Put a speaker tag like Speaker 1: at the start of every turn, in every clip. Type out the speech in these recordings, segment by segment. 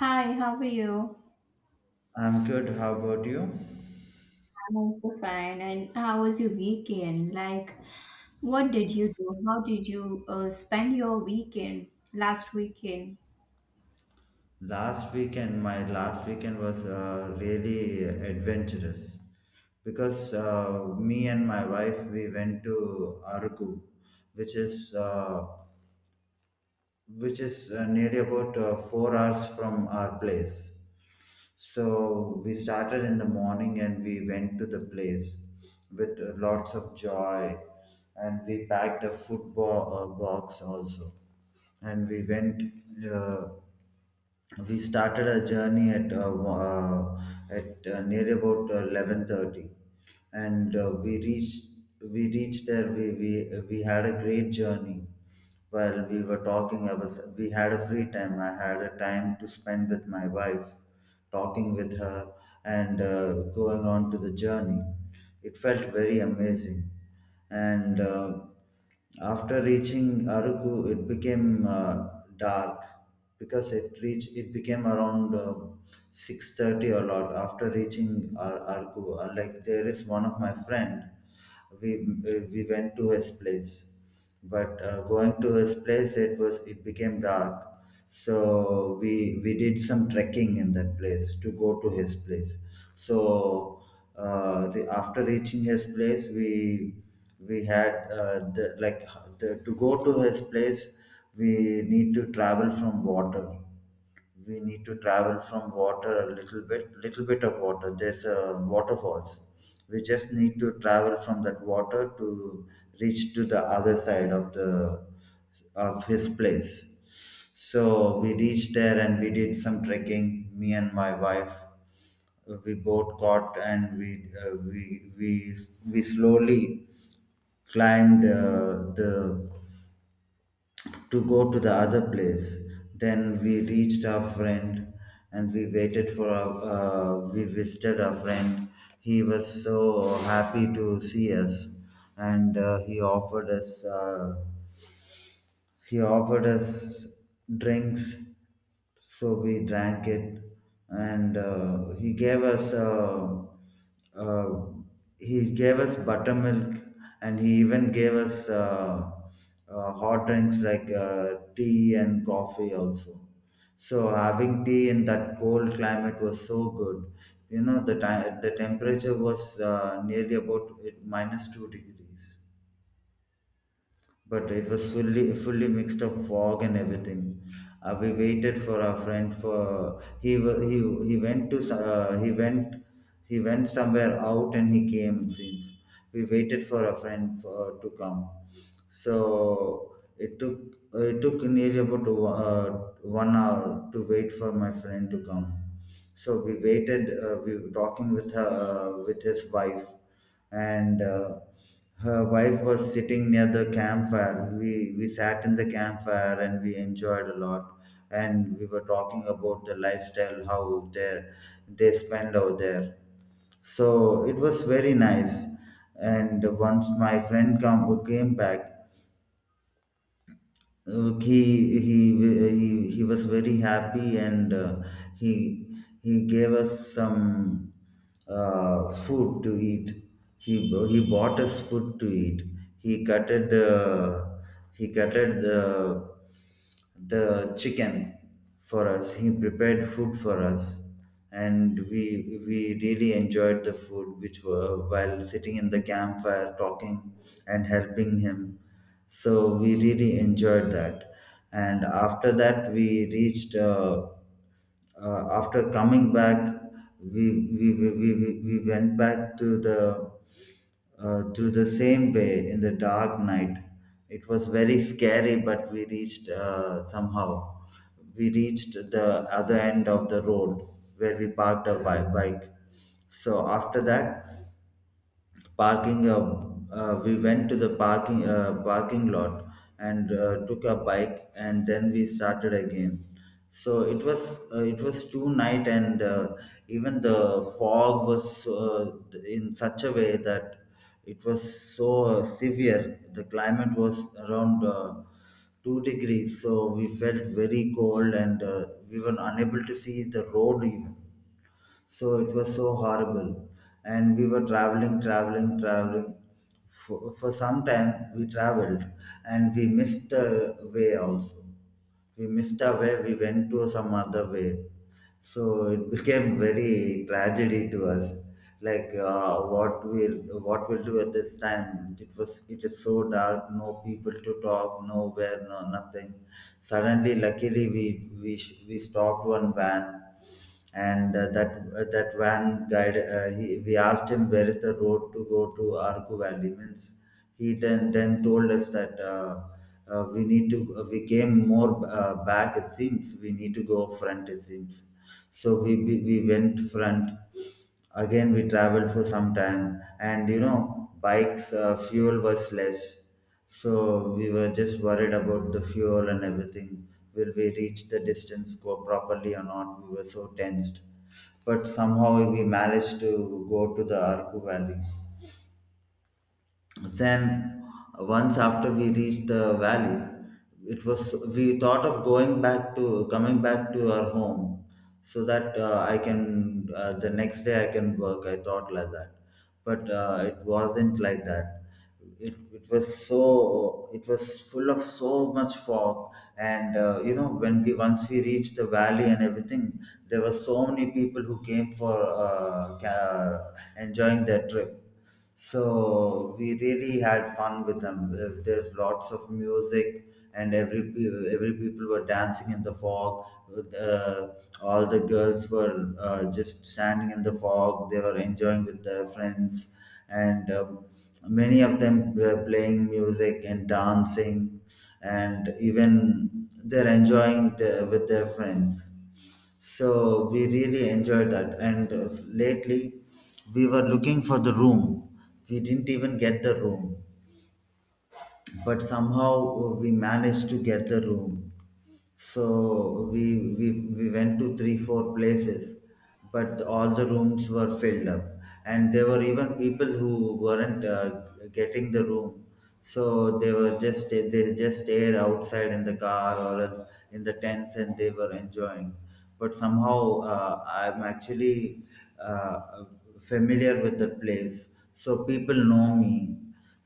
Speaker 1: Hi, how are you?
Speaker 2: I'm good. How about you?
Speaker 1: I'm also fine. And how was your weekend? Like, what did you do? How did you spend your weekend last weekend?
Speaker 2: Last weekend, my last weekend was really adventurous because me and my wife we went to Argu, which is nearly about 4 hours from our place. So we started in the morning and we went to the place with lots of joy, and we packed a football box also, and we went. Uh, we started our journey at near about 11:30, and we reached there. We had a great journey. While we were talking, I was we had a free time. I had a time to spend with my wife, talking with her and going on to the journey. It felt very amazing and after reaching Aruku, it became dark because it became around 6:30, a lot after reaching Aruku. Like there is one of my friend, we went to his place, but going to his place it became dark, so we did some trekking in that place to go to his place. So after reaching his place, we had to go to his place we need to travel from water. We need to travel from water a little bit, of water, there's waterfalls. We just need to travel from that water to reach to the other side of the of his place. So we reached there and we did some trekking, me and my wife. We both caught and we uh, we we we slowly climbed the to go to the other place. Then we reached our friend and we visited our friend. He was so happy to see us, and he offered us drinks, so we drank it, and uh, he gave us buttermilk, and he even gave us hot drinks like tea and coffee also. So having tea in that cold climate was so good. You know, the time the temperature was nearly about it, minus 2 degrees, but it was fully, mixed up fog and everything. Uh, we waited for our friend for he went he went somewhere out and he came, it seems. We waited for a friend for, to come, so it took nearly about 1 hour to wait for my friend to come. So we waited. We were talking with her, with his wife, and her wife was sitting near the campfire. We sat in the campfire and we enjoyed a lot. And we were talking about the lifestyle, how they spend out there. So it was very nice. And once my friend come came back, uh, he he was very happy, and he he gave us some food to eat. He he bought us food to eat. He cutted the he cutted the chicken for us. He prepared food for us, and we really enjoyed the food, which were while sitting in the campfire talking and helping him. So we really enjoyed that, and after that we reached. After coming back, we, we went back to the, through the same way in the dark night. It was very scary, but we reached somehow. We reached the other end of the road where we parked our bike. So after that, parking, we went to the parking parking lot and took a bike, and then we started again. So it was too night, and even the fog was so, in such a way that it was so severe. The climate was around 2 degrees, so we felt very cold, and we were unable to see the road even. So it was so horrible, and we were traveling, traveling for some time we traveled, and we missed the way also. We missed the way, we went to some other way, so it became very tragedy to us, like what will, what will do at this time. It was, it is so dark, no people to talk, nowhere, no nothing. Suddenly, luckily, we, we stopped one van, and that van guide, we asked him where is the road to go to Arku Valley means. He then told us that we need to, we came more back it seems, we need to go front it seems. So we went front. Again we traveled for some time, and you know, bike's fuel was less, so we were just worried about the fuel and everything, will we reach the distance, go properly or not. We were so tensed, but somehow we managed to go to the Arku Valley. Then once after we reached the valley, it was, we thought of going back to coming back to our home, so that I can the next day I can work. I thought like that, but it wasn't like that. It was so, it was full of so much fog, and you know, when we once we reached the valley and everything, there were so many people who came for enjoying their trip, so we really had fun with them. There's lots of music, and every people were dancing in the fog. Uh, all the girls were just standing in the fog. They were enjoying with their friends, and many of them were playing music and dancing, and even they're enjoying with their friends. So we really enjoyed that. And lately, we were looking for the room. We didn't even get the room, but somehow we managed to get the room. So we went to 3, 4 places, but all the rooms were filled up, and there were even people who weren't getting the room. So they just stayed outside in the car or else in the tents, and they were enjoying. But somehow, I'm actually uh, familiar with the place, so people know me.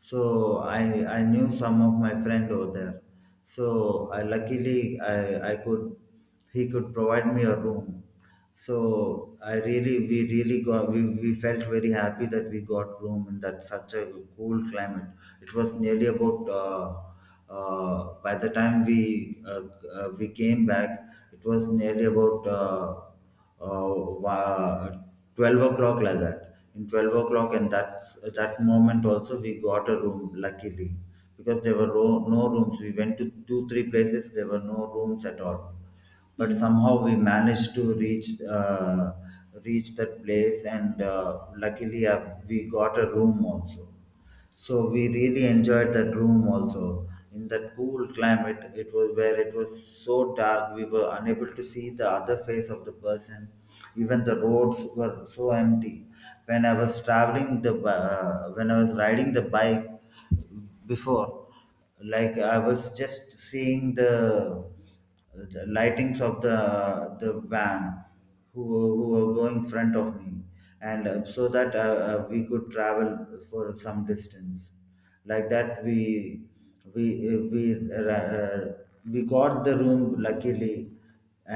Speaker 2: So I knew some of my friend over there, so I luckily I could he could provide me a room. So I really we really got, we felt very happy that we got room in that such a cool climate. It was nearly about by the time we came back, it was nearly about uh, wa- 12 o'clock, like that, in 12 o'clock, and that, that moment also we got a room luckily, because there were no rooms, we went to 2, 3 places, there were no rooms at all. But
Speaker 1: Yes.
Speaker 2: somehow we managed to reach reach that place, and luckily I've, we got a room also. So we really enjoyed that room also in that cool climate. It was where it was so dark, we were unable to see the other face of the person. Even the roads were so empty. When I was traveling the bi- when I was riding the bike before, like I was just seeing the lightings of the van who, who were going front of me, and so that we could travel for some distance. Like that we, we uh, we ra- uh, we got the room luckily,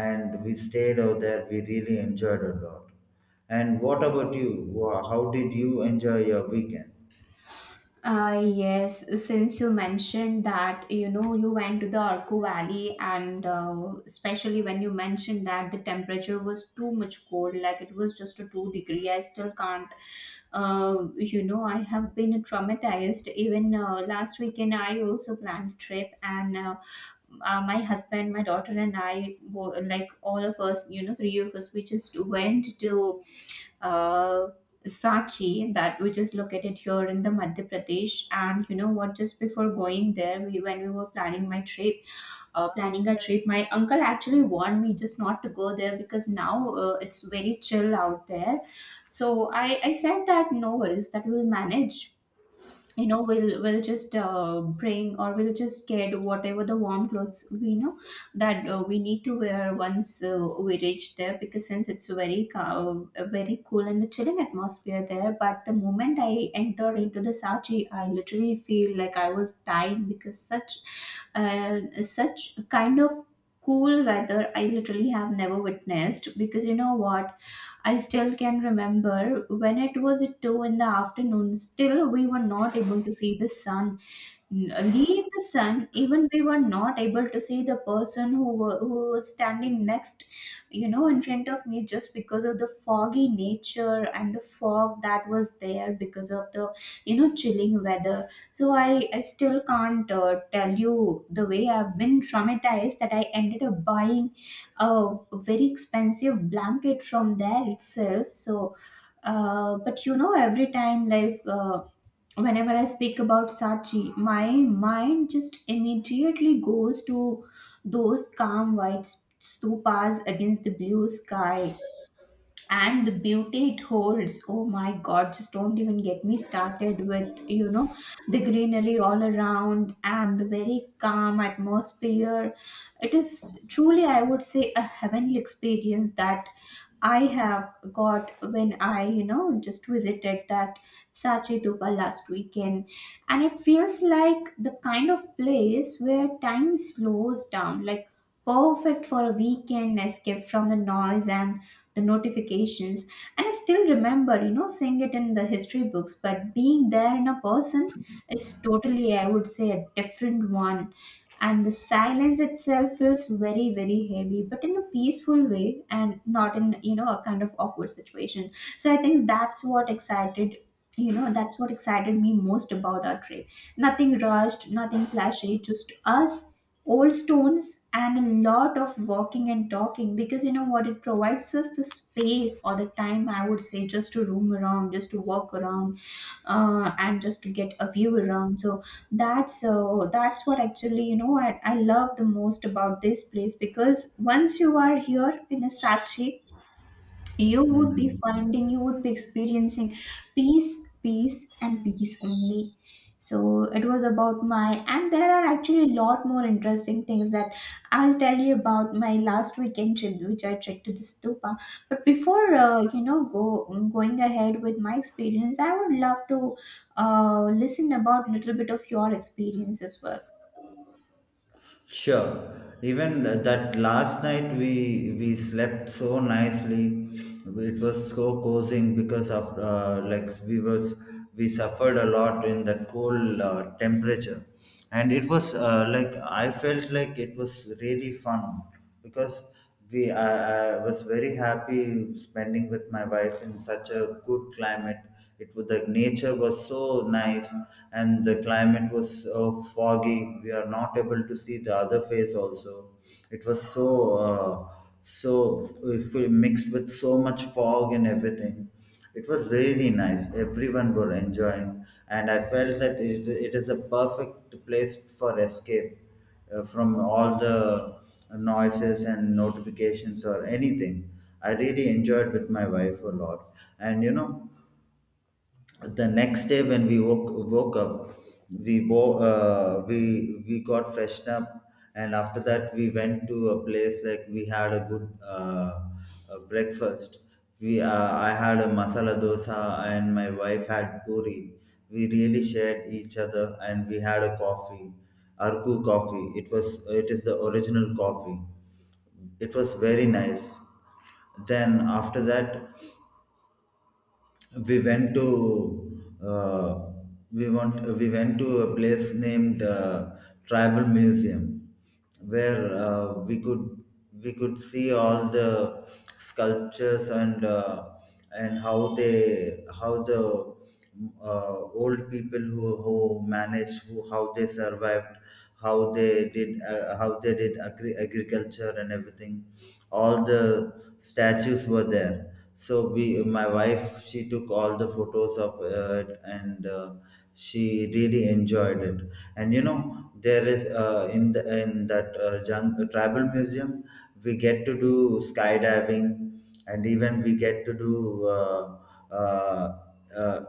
Speaker 2: and we stayed out there, we really enjoyed a lot. And what about you? How did you enjoy your weekend?
Speaker 1: Yes, since you mentioned that, you know, you went to the Arco Valley, and especially when you mentioned that the temperature was too much cold, like it was just a 2 degree, I still can't, I have been traumatized. Even last weekend, I also planned a trip, and my husband, my daughter, and I, like all of us, three of us, we just went to uh, Sachi, that which is located here in the Madhya Pradesh. And you know what? Just before going there, we when we were planning my trip, planning a trip, my uncle actually warned me just not to go there, because now it's very chill out there. So I said that no worries, that we'll manage, we'll just bring, or we'll just get whatever the warm clothes we know that we need to wear once we reach there, because since it's very cool and a chilling atmosphere there. But the moment I entered into the Sachi, I literally feel like I was dying, because such kind of cool weather I literally have never witnessed. Because you know what, I still can remember when it was at 2 in the afternoon, still we were not able to see the sun, leave the sun, even we were not able to see the person who was standing next, you know, in front of me, just because of the foggy nature and the fog that was there because of the, chilling weather. So I still can't, tell you the way I've been traumatized, that I ended up buying a very expensive blanket from there itself. So but you know, every time like, whenever I speak about Sachi, my mind just immediately goes to those calm white stupas against the blue sky, and the beauty it holds. Oh my god, just don't even get me started with, the greenery all around, and the very calm atmosphere. It is truly, I would say, a heavenly experience that I have got when I, just visited that Sachetupa last weekend. And it feels like the kind of place where time slows down, like perfect for a weekend escape from the noise and the notifications. And I still remember, seeing it in the history books, but being there in a person is totally, I would say, a different one. And the silence itself feels very, very heavy, but in a peaceful way, and not in, a kind of awkward situation. So I think that's what excited me most about our trip. Nothing rushed, nothing flashy, just us, old stones, and a lot of walking and talking, because you know what, it provides us the space or the time, I would say, just to roam around, just to walk around. And just to get a view around. So that's what, actually, I love the most about this place. Because once you are here in a,
Speaker 2: Hmm.
Speaker 1: you would be experiencing peace. Peace and peace only. So it was about my, and there are actually a lot more interesting things that I'll tell you about my last weekend trip, which I trekked to the stupa. But before, go going ahead with my experience, I would love to, listen about a little bit of your experience as well.
Speaker 2: Sure. Even that last night we slept so nicely. It was so cozying because of, we suffered a lot in that cold temperature, and it was, I felt like it was really fun because I was very happy spending with my wife in such a good climate. It was, the nature was so nice, and the climate was foggy, we are not able to see the other face also. It was so uh, so mixed with so much fog and everything. It was really nice, everyone were enjoying, and I felt that it is a perfect place for escape from all the noises and notifications or anything. I really enjoyed with my wife a lot, and the next day when woke up we we got freshened up. And after that we went to a place like we had a good breakfast. We uh, i had a masala dosa and my wife had puri. We really shared each other and we had a coffee, arku coffee. It is the original coffee. It was very nice. Then after that we went to we went to a place named tribal museum, where we could see all the sculptures, and how they how the uh, old people who managed, who how they survived, how they did agriculture and everything. All the statues were there. So we, my wife, she took all the photos of it. And She really enjoyed it. And there is in that tribal museum we get to do skydiving, and even we get to do uh, uh,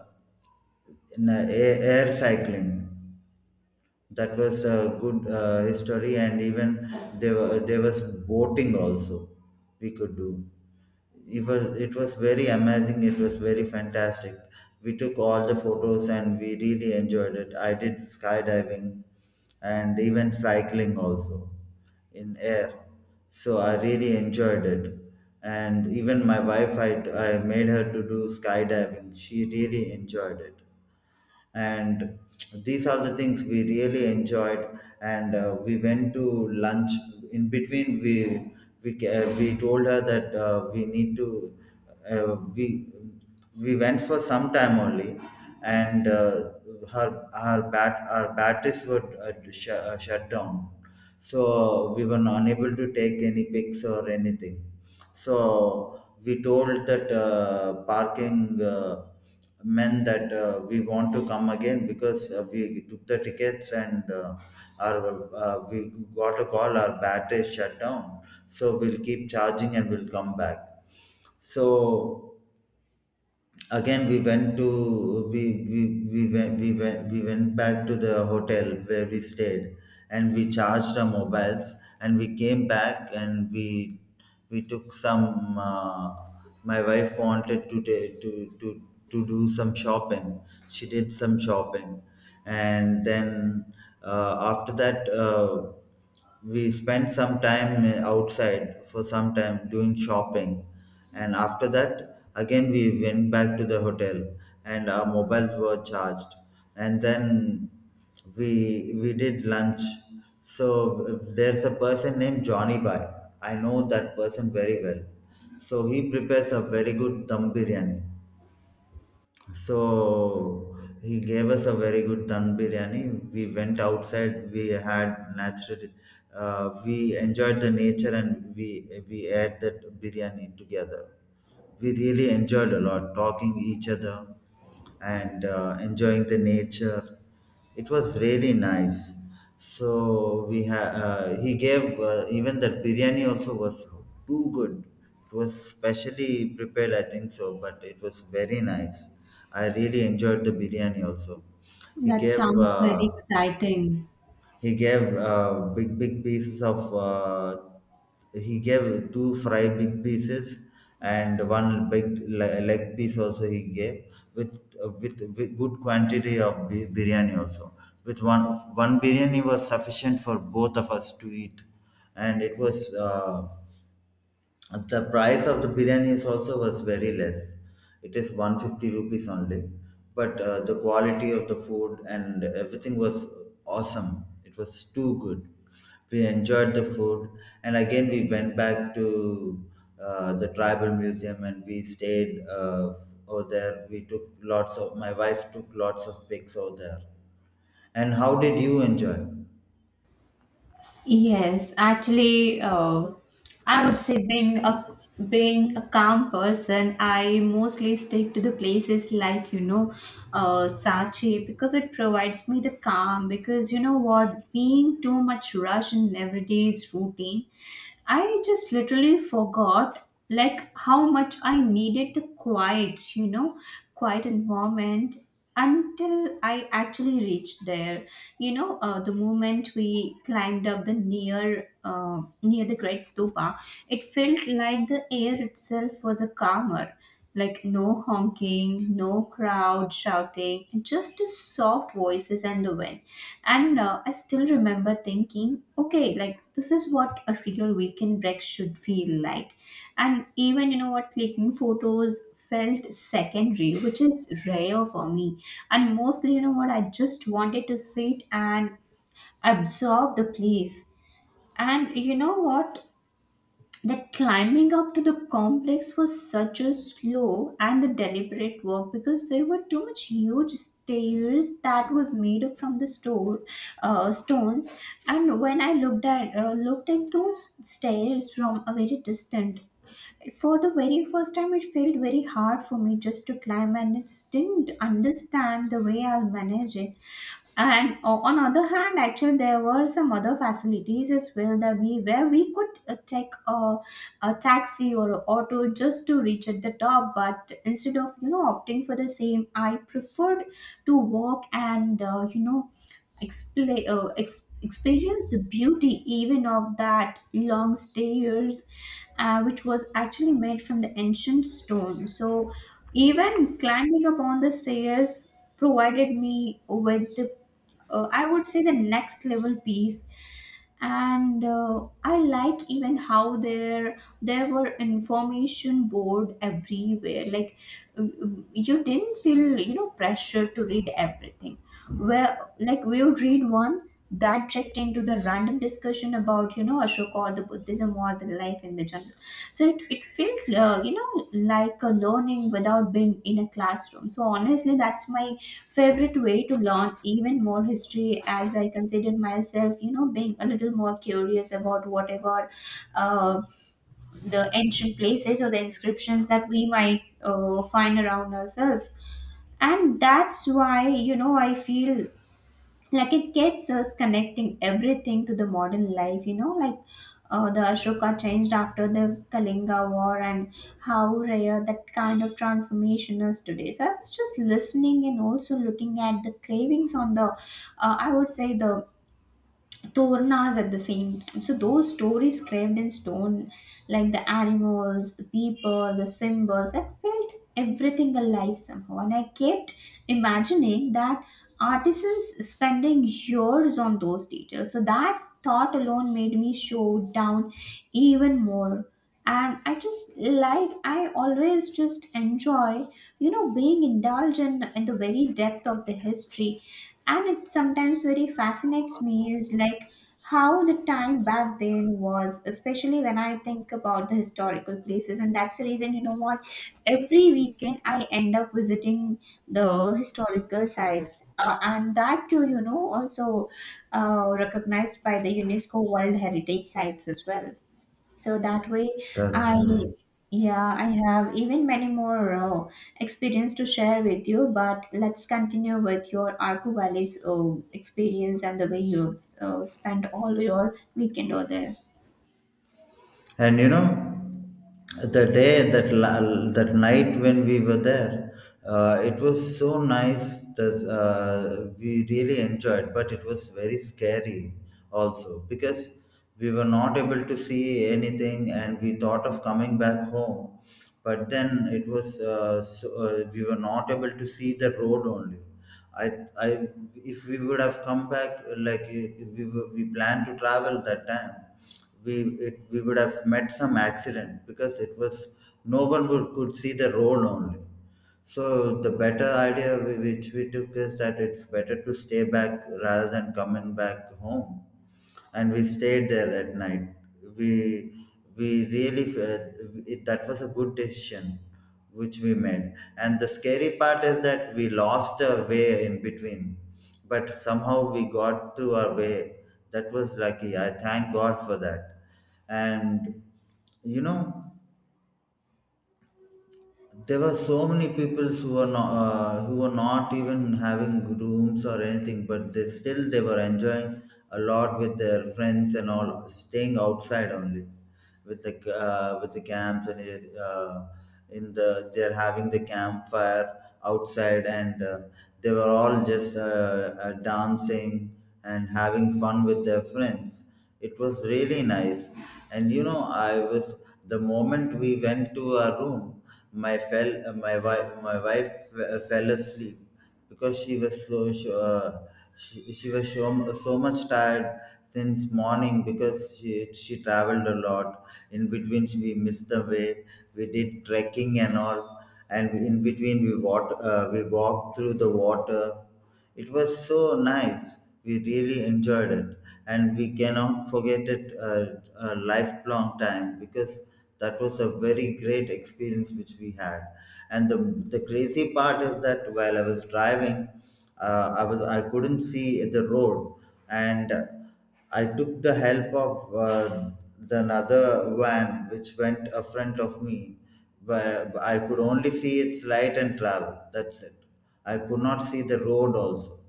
Speaker 2: air cycling. That was a good history, and even there was boating also we could do. It was very amazing. It was very fantastic. We took all the photos and we really enjoyed it. I did skydiving and even cycling also in air. So I really enjoyed it. And even my wife, I made her to do skydiving. She really enjoyed it, and these are the things we really enjoyed. And we went to lunch. In between we told her that we need to uh, we we went for some time only. And her her bat our batteries were shut down, so we were unable to take any pics or anything. So we told that parking men that we want to come again, because we took the tickets, and our we got a call our battery is shut down, so we'll keep charging and we'll come back. So again we went to we went we went we went back to the hotel where we stayed, and we charged our mobiles. And we came back, and we took some my wife wanted to, ta- to do some shopping. She did some shopping, and then after that we spent some time outside for some time doing shopping. And after that, again, we went back to the hotel, and our mobiles were charged. And then we did lunch. So if there's a person named johnny bai, I know that person very well. So he prepares a very good dum biryani. So he gave us a very good dum biryani. We went outside. We had natural. We enjoyed the nature, and we ate that biryani together. We really enjoyed a lot talking each other, and enjoying the nature. It was really nice. So he gave even that biryani also was too good. It was specially prepared, I think so, but it was very nice. I really enjoyed the biryani also. he
Speaker 1: That
Speaker 2: gave
Speaker 1: sounds very
Speaker 2: uh,
Speaker 1: exciting.
Speaker 2: he gave big, big pieces of. He gave two fry big pieces, and one big leg piece also he gave, with with good quantity of biryani also. With one one biryani was sufficient for both of us to eat, and it was. The price of the biryani is also was very less. It is 150 rupees only. But the quality of the food and everything was awesome. It was too good. We enjoyed the food. And again, we went back to the tribal museum, and we stayed over there. We took lots of, my wife took lots of pics over there. And how did you enjoy?
Speaker 1: Yes, actually, I would say, being a calm person, I mostly stick to the places like, Sachi, because it provides me the calm. Because you know what, being too much rush in everyday's routine, I just literally forgot like how much I needed the quiet, quiet environment, until I actually reached there. You know, the moment we climbed up the near, near the great stupa, it felt like the air itself was a calmer, like no honking, no crowd shouting, just the soft voices and the wind. And I still remember thinking, okay, like this is what a real weekend break should feel like. And even, you know what, clicking photos felt secondary, which is rare for me. And mostly, you know what, I just wanted to sit and absorb the place. And you know what, that climbing up to the complex was such a slow and the deliberate work, because there were too much huge stairs that was made up from the store stones. And when I looked at those stairs from a very distant for the very first time, it felt very hard for me just to climb, and it didn't understand the way I'll manage it. And on other hand, actually, there were some other facilities as well that, we where we could, take a taxi or a auto, just to reach at the top. But instead of, opting for the same, I preferred to walk, and experience the beauty even of that long stairs, which was actually made from the ancient stone. So even climbing up on the stairs provided me with the, I would say, the next level piece. And I like even how there were information board everywhere. Like, you didn't feel, pressure to read everything. Where, like, we would read one that checked into the random discussion about, Ashoka, or the Buddhism, or the life in the jungle. So it felt, like a learning without being in a classroom. So honestly, that's my favorite way to learn even more history, as I consider myself, being a little more curious about whatever, uh, the ancient places or the inscriptions that we might, find around ourselves. And that's why, I feel like it keeps us connecting everything to the modern life, like, the Ashoka changed after the Kalinga war, and how rare that kind of transformation is today. So I was just listening and also looking at the cravings on the, I would say, the tornas at the same time. So those stories carved in stone, like the animals, the people, the symbols, I felt everything alive somehow. And I kept imagining that artisans spending years on those details. So that thought alone made me show down even more. And I just like I always just enjoy, being indulged in the very depth of the history. And it sometimes very fascinates me, is like how the time back then was, especially when I think about the historical places. And that's the reason, you know what, every weekend I end up visiting the historical sites, and that too, also, recognized by the UNESCO world heritage sites as well. So that way, I,
Speaker 2: That's true.
Speaker 1: yeah, I have even many more, experience to share with you. But let's continue with your Arku valley's, experience and the way you, spent all your weekend over there.
Speaker 2: And the day that that night when we were there, it was so nice that we really enjoyed, but it was very scary also, because we were not able to see anything, and we thought of coming back home. But then it was we were not able to see the road only. I I If we would have come back, like, we planned to travel that time. we we would have met some accident, because it was no one would, could see the road only. So the better idea which we took is that it's better to stay back rather than coming back home. And we stayed there at night. We we really fe- it, That was a good decision which we made. And the scary part is that we lost our way in between, but somehow we got through our way. That was lucky. I thank God for that. And you know there were so many people who were not even having rooms or anything, but they were enjoying a lot with their friends and all, staying outside only with the with the camps, and in the they're having the campfire outside. And they were all just dancing and having fun with their friends. It was really nice. And you know I was the moment we went to our room, my wife fell asleep, because she was she was so, so much tired since morning, because she traveled a lot. In between we missed the way, we did trekking and all, and in between we we walked through the water. It was so nice. We really enjoyed it, and we cannot forget it a lifelong time, because that was a very great experience which we had. And the crazy part is that while I was driving, I couldn't see the road, and I took the help of the another van which went in front of me, but I could only see its light and travel. That's it. I could not see the road also.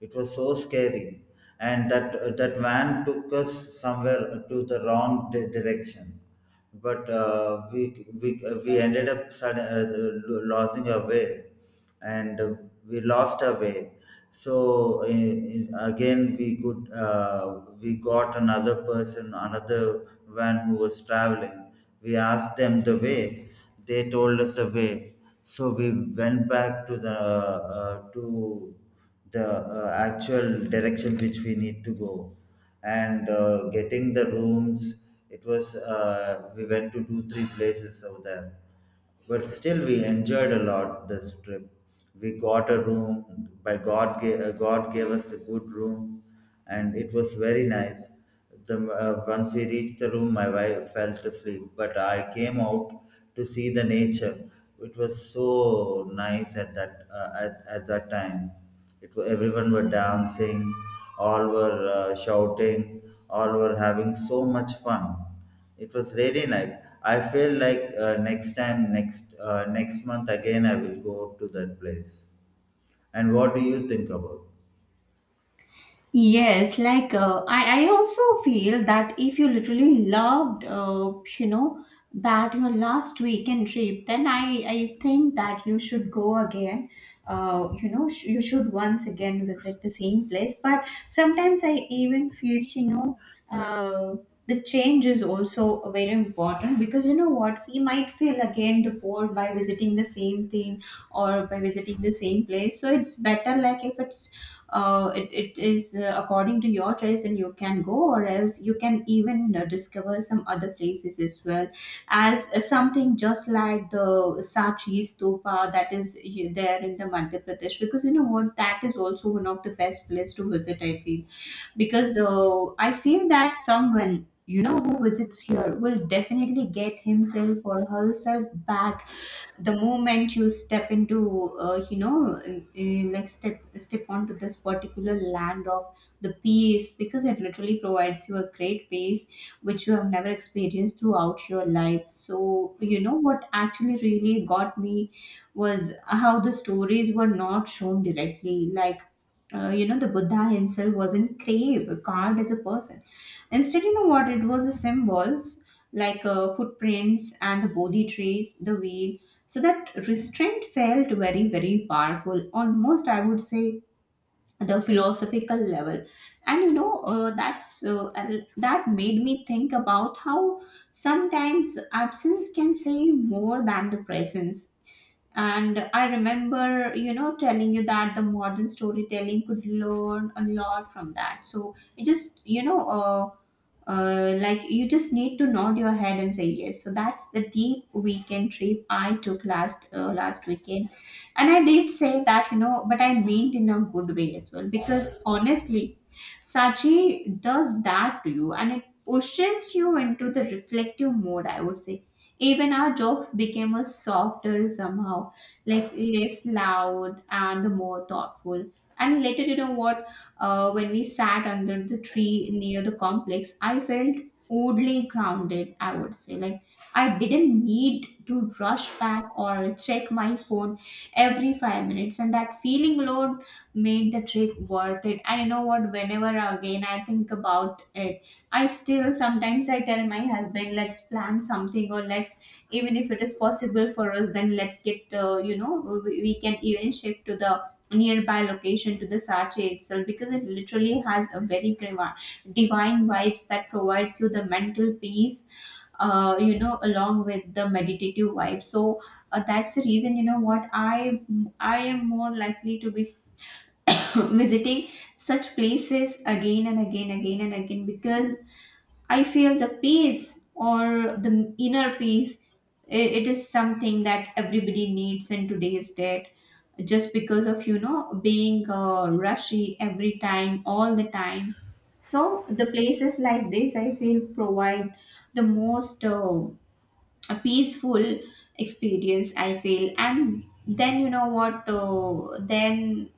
Speaker 2: It was so scary, and that van took us somewhere to the wrong direction. But we ended up losing our way, and we lost our way. So again, we got another person, another van who was traveling. We asked them the way, they told us the way, so we went back to the actual direction which we need to go. And getting the rooms, it was we went to 2 3 places over there, but still, we enjoyed a lot this trip. We got a room by God. God gave us a good room, and it was very nice. Once we reached the room, my wife fell asleep, but I came out to see the nature. It was so nice at at that time. Everyone were dancing, all were shouting, all were having so much fun. It was really nice. I feel like next time, next next month again I will go to that place. And what do you think about?
Speaker 1: Yes, like, I also feel that if you literally loved, that your last weekend trip, then I think that you should go again. You should once again visit the same place. But sometimes I even feel, uh, the change is also very important, because you know what, we might feel again the bored by visiting the same thing, or by visiting the same place. So it's better, like, if it's it is, according to your choice, and you can go, or else you can even, discover some other places as well, as, something just like the Sachi Stupa that is, there in the Madhya Pradesh. Because you know what, that is also one of the best place to visit, I feel. Because I feel that someone, who visits here will definitely get himself or herself back the moment you step into, like step onto this particular land of the peace. Because it literally provides you a great peace which you have never experienced throughout your life. So you know what, actually really got me was how the stories were not shown directly, like, the Buddha himself wasn't craved card as a person. Instead, you know what? It was the symbols, like, footprints, and the Bodhi trees, the wheel. So that restraint felt very, very powerful, almost, I would say, the philosophical level. And you know, that's and that made me think about how sometimes absence can say more than the presence. And I remember, telling you that the modern storytelling could learn a lot from that. So it just, like you just need to nod your head and say yes. So that's the deep weekend trip I took last weekend. And I did say that, but I meant in a good way as well, because honestly, Sachi does that to you, and it pushes you into the reflective mode, I would say. Even our jokes became a softer somehow, like less loud and more thoughtful. And later, you know what? When we sat under the tree near the complex, I felt oddly grounded, I would say. Like, I didn't need to rush back or check my phone every 5 minutes, and that feeling alone made the trip worth it. And you know what? Whenever again I think about it, I still, sometimes I tell my husband, let's plan something, or let's, even if it is possible for us, then let's get you know we can even shift to the nearby location to the Sache itself, because it literally has a very divine vibes that provides you the mental peace, along with the meditative vibe. So that's the reason, you know what, I am more likely to be visiting such places again and again, because I feel the peace, or the inner peace, it is something that everybody needs in today's date. Just because of, being rushy every time, all the time. So the places like this, I feel, provide the most, a peaceful experience, I feel. And then, you know what, then,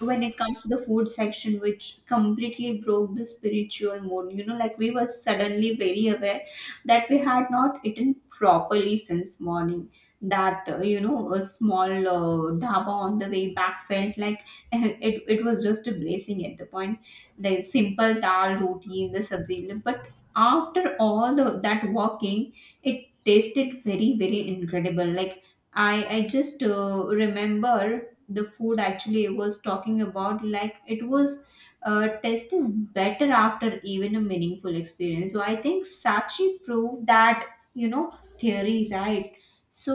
Speaker 1: when it comes to the food section, which completely broke the spiritual mood, you know, like we were suddenly very aware that we had not eaten properly since morning, that a small dhaba on the way back felt like it was just a blessing at the point. The simple dal roti in the sabzi, but after all that walking, it tasted very, very incredible. Like, I just, remember the food actually I was talking about. Like it was taste is better after even a meaningful experience. So I think Sachi proved that, theory right. So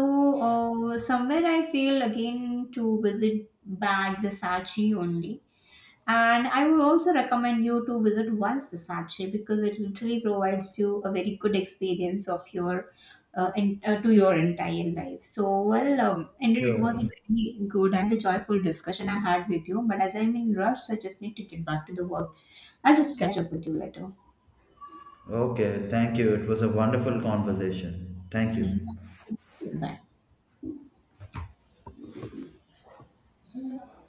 Speaker 1: somewhere I feel again to visit back the Sachi only. And I would also recommend you to visit once the Sache, because it literally provides you a very good experience of your and to your entire life. So, well, indeed, it was a
Speaker 2: Sure.
Speaker 1: very good and a joyful discussion I had with you. But as I'm in rush, I just need to get back to the work. I'll just catch up with you later.
Speaker 2: Okay, thank you. It was a wonderful conversation. Thank
Speaker 1: Yeah.
Speaker 2: you.
Speaker 1: Bye.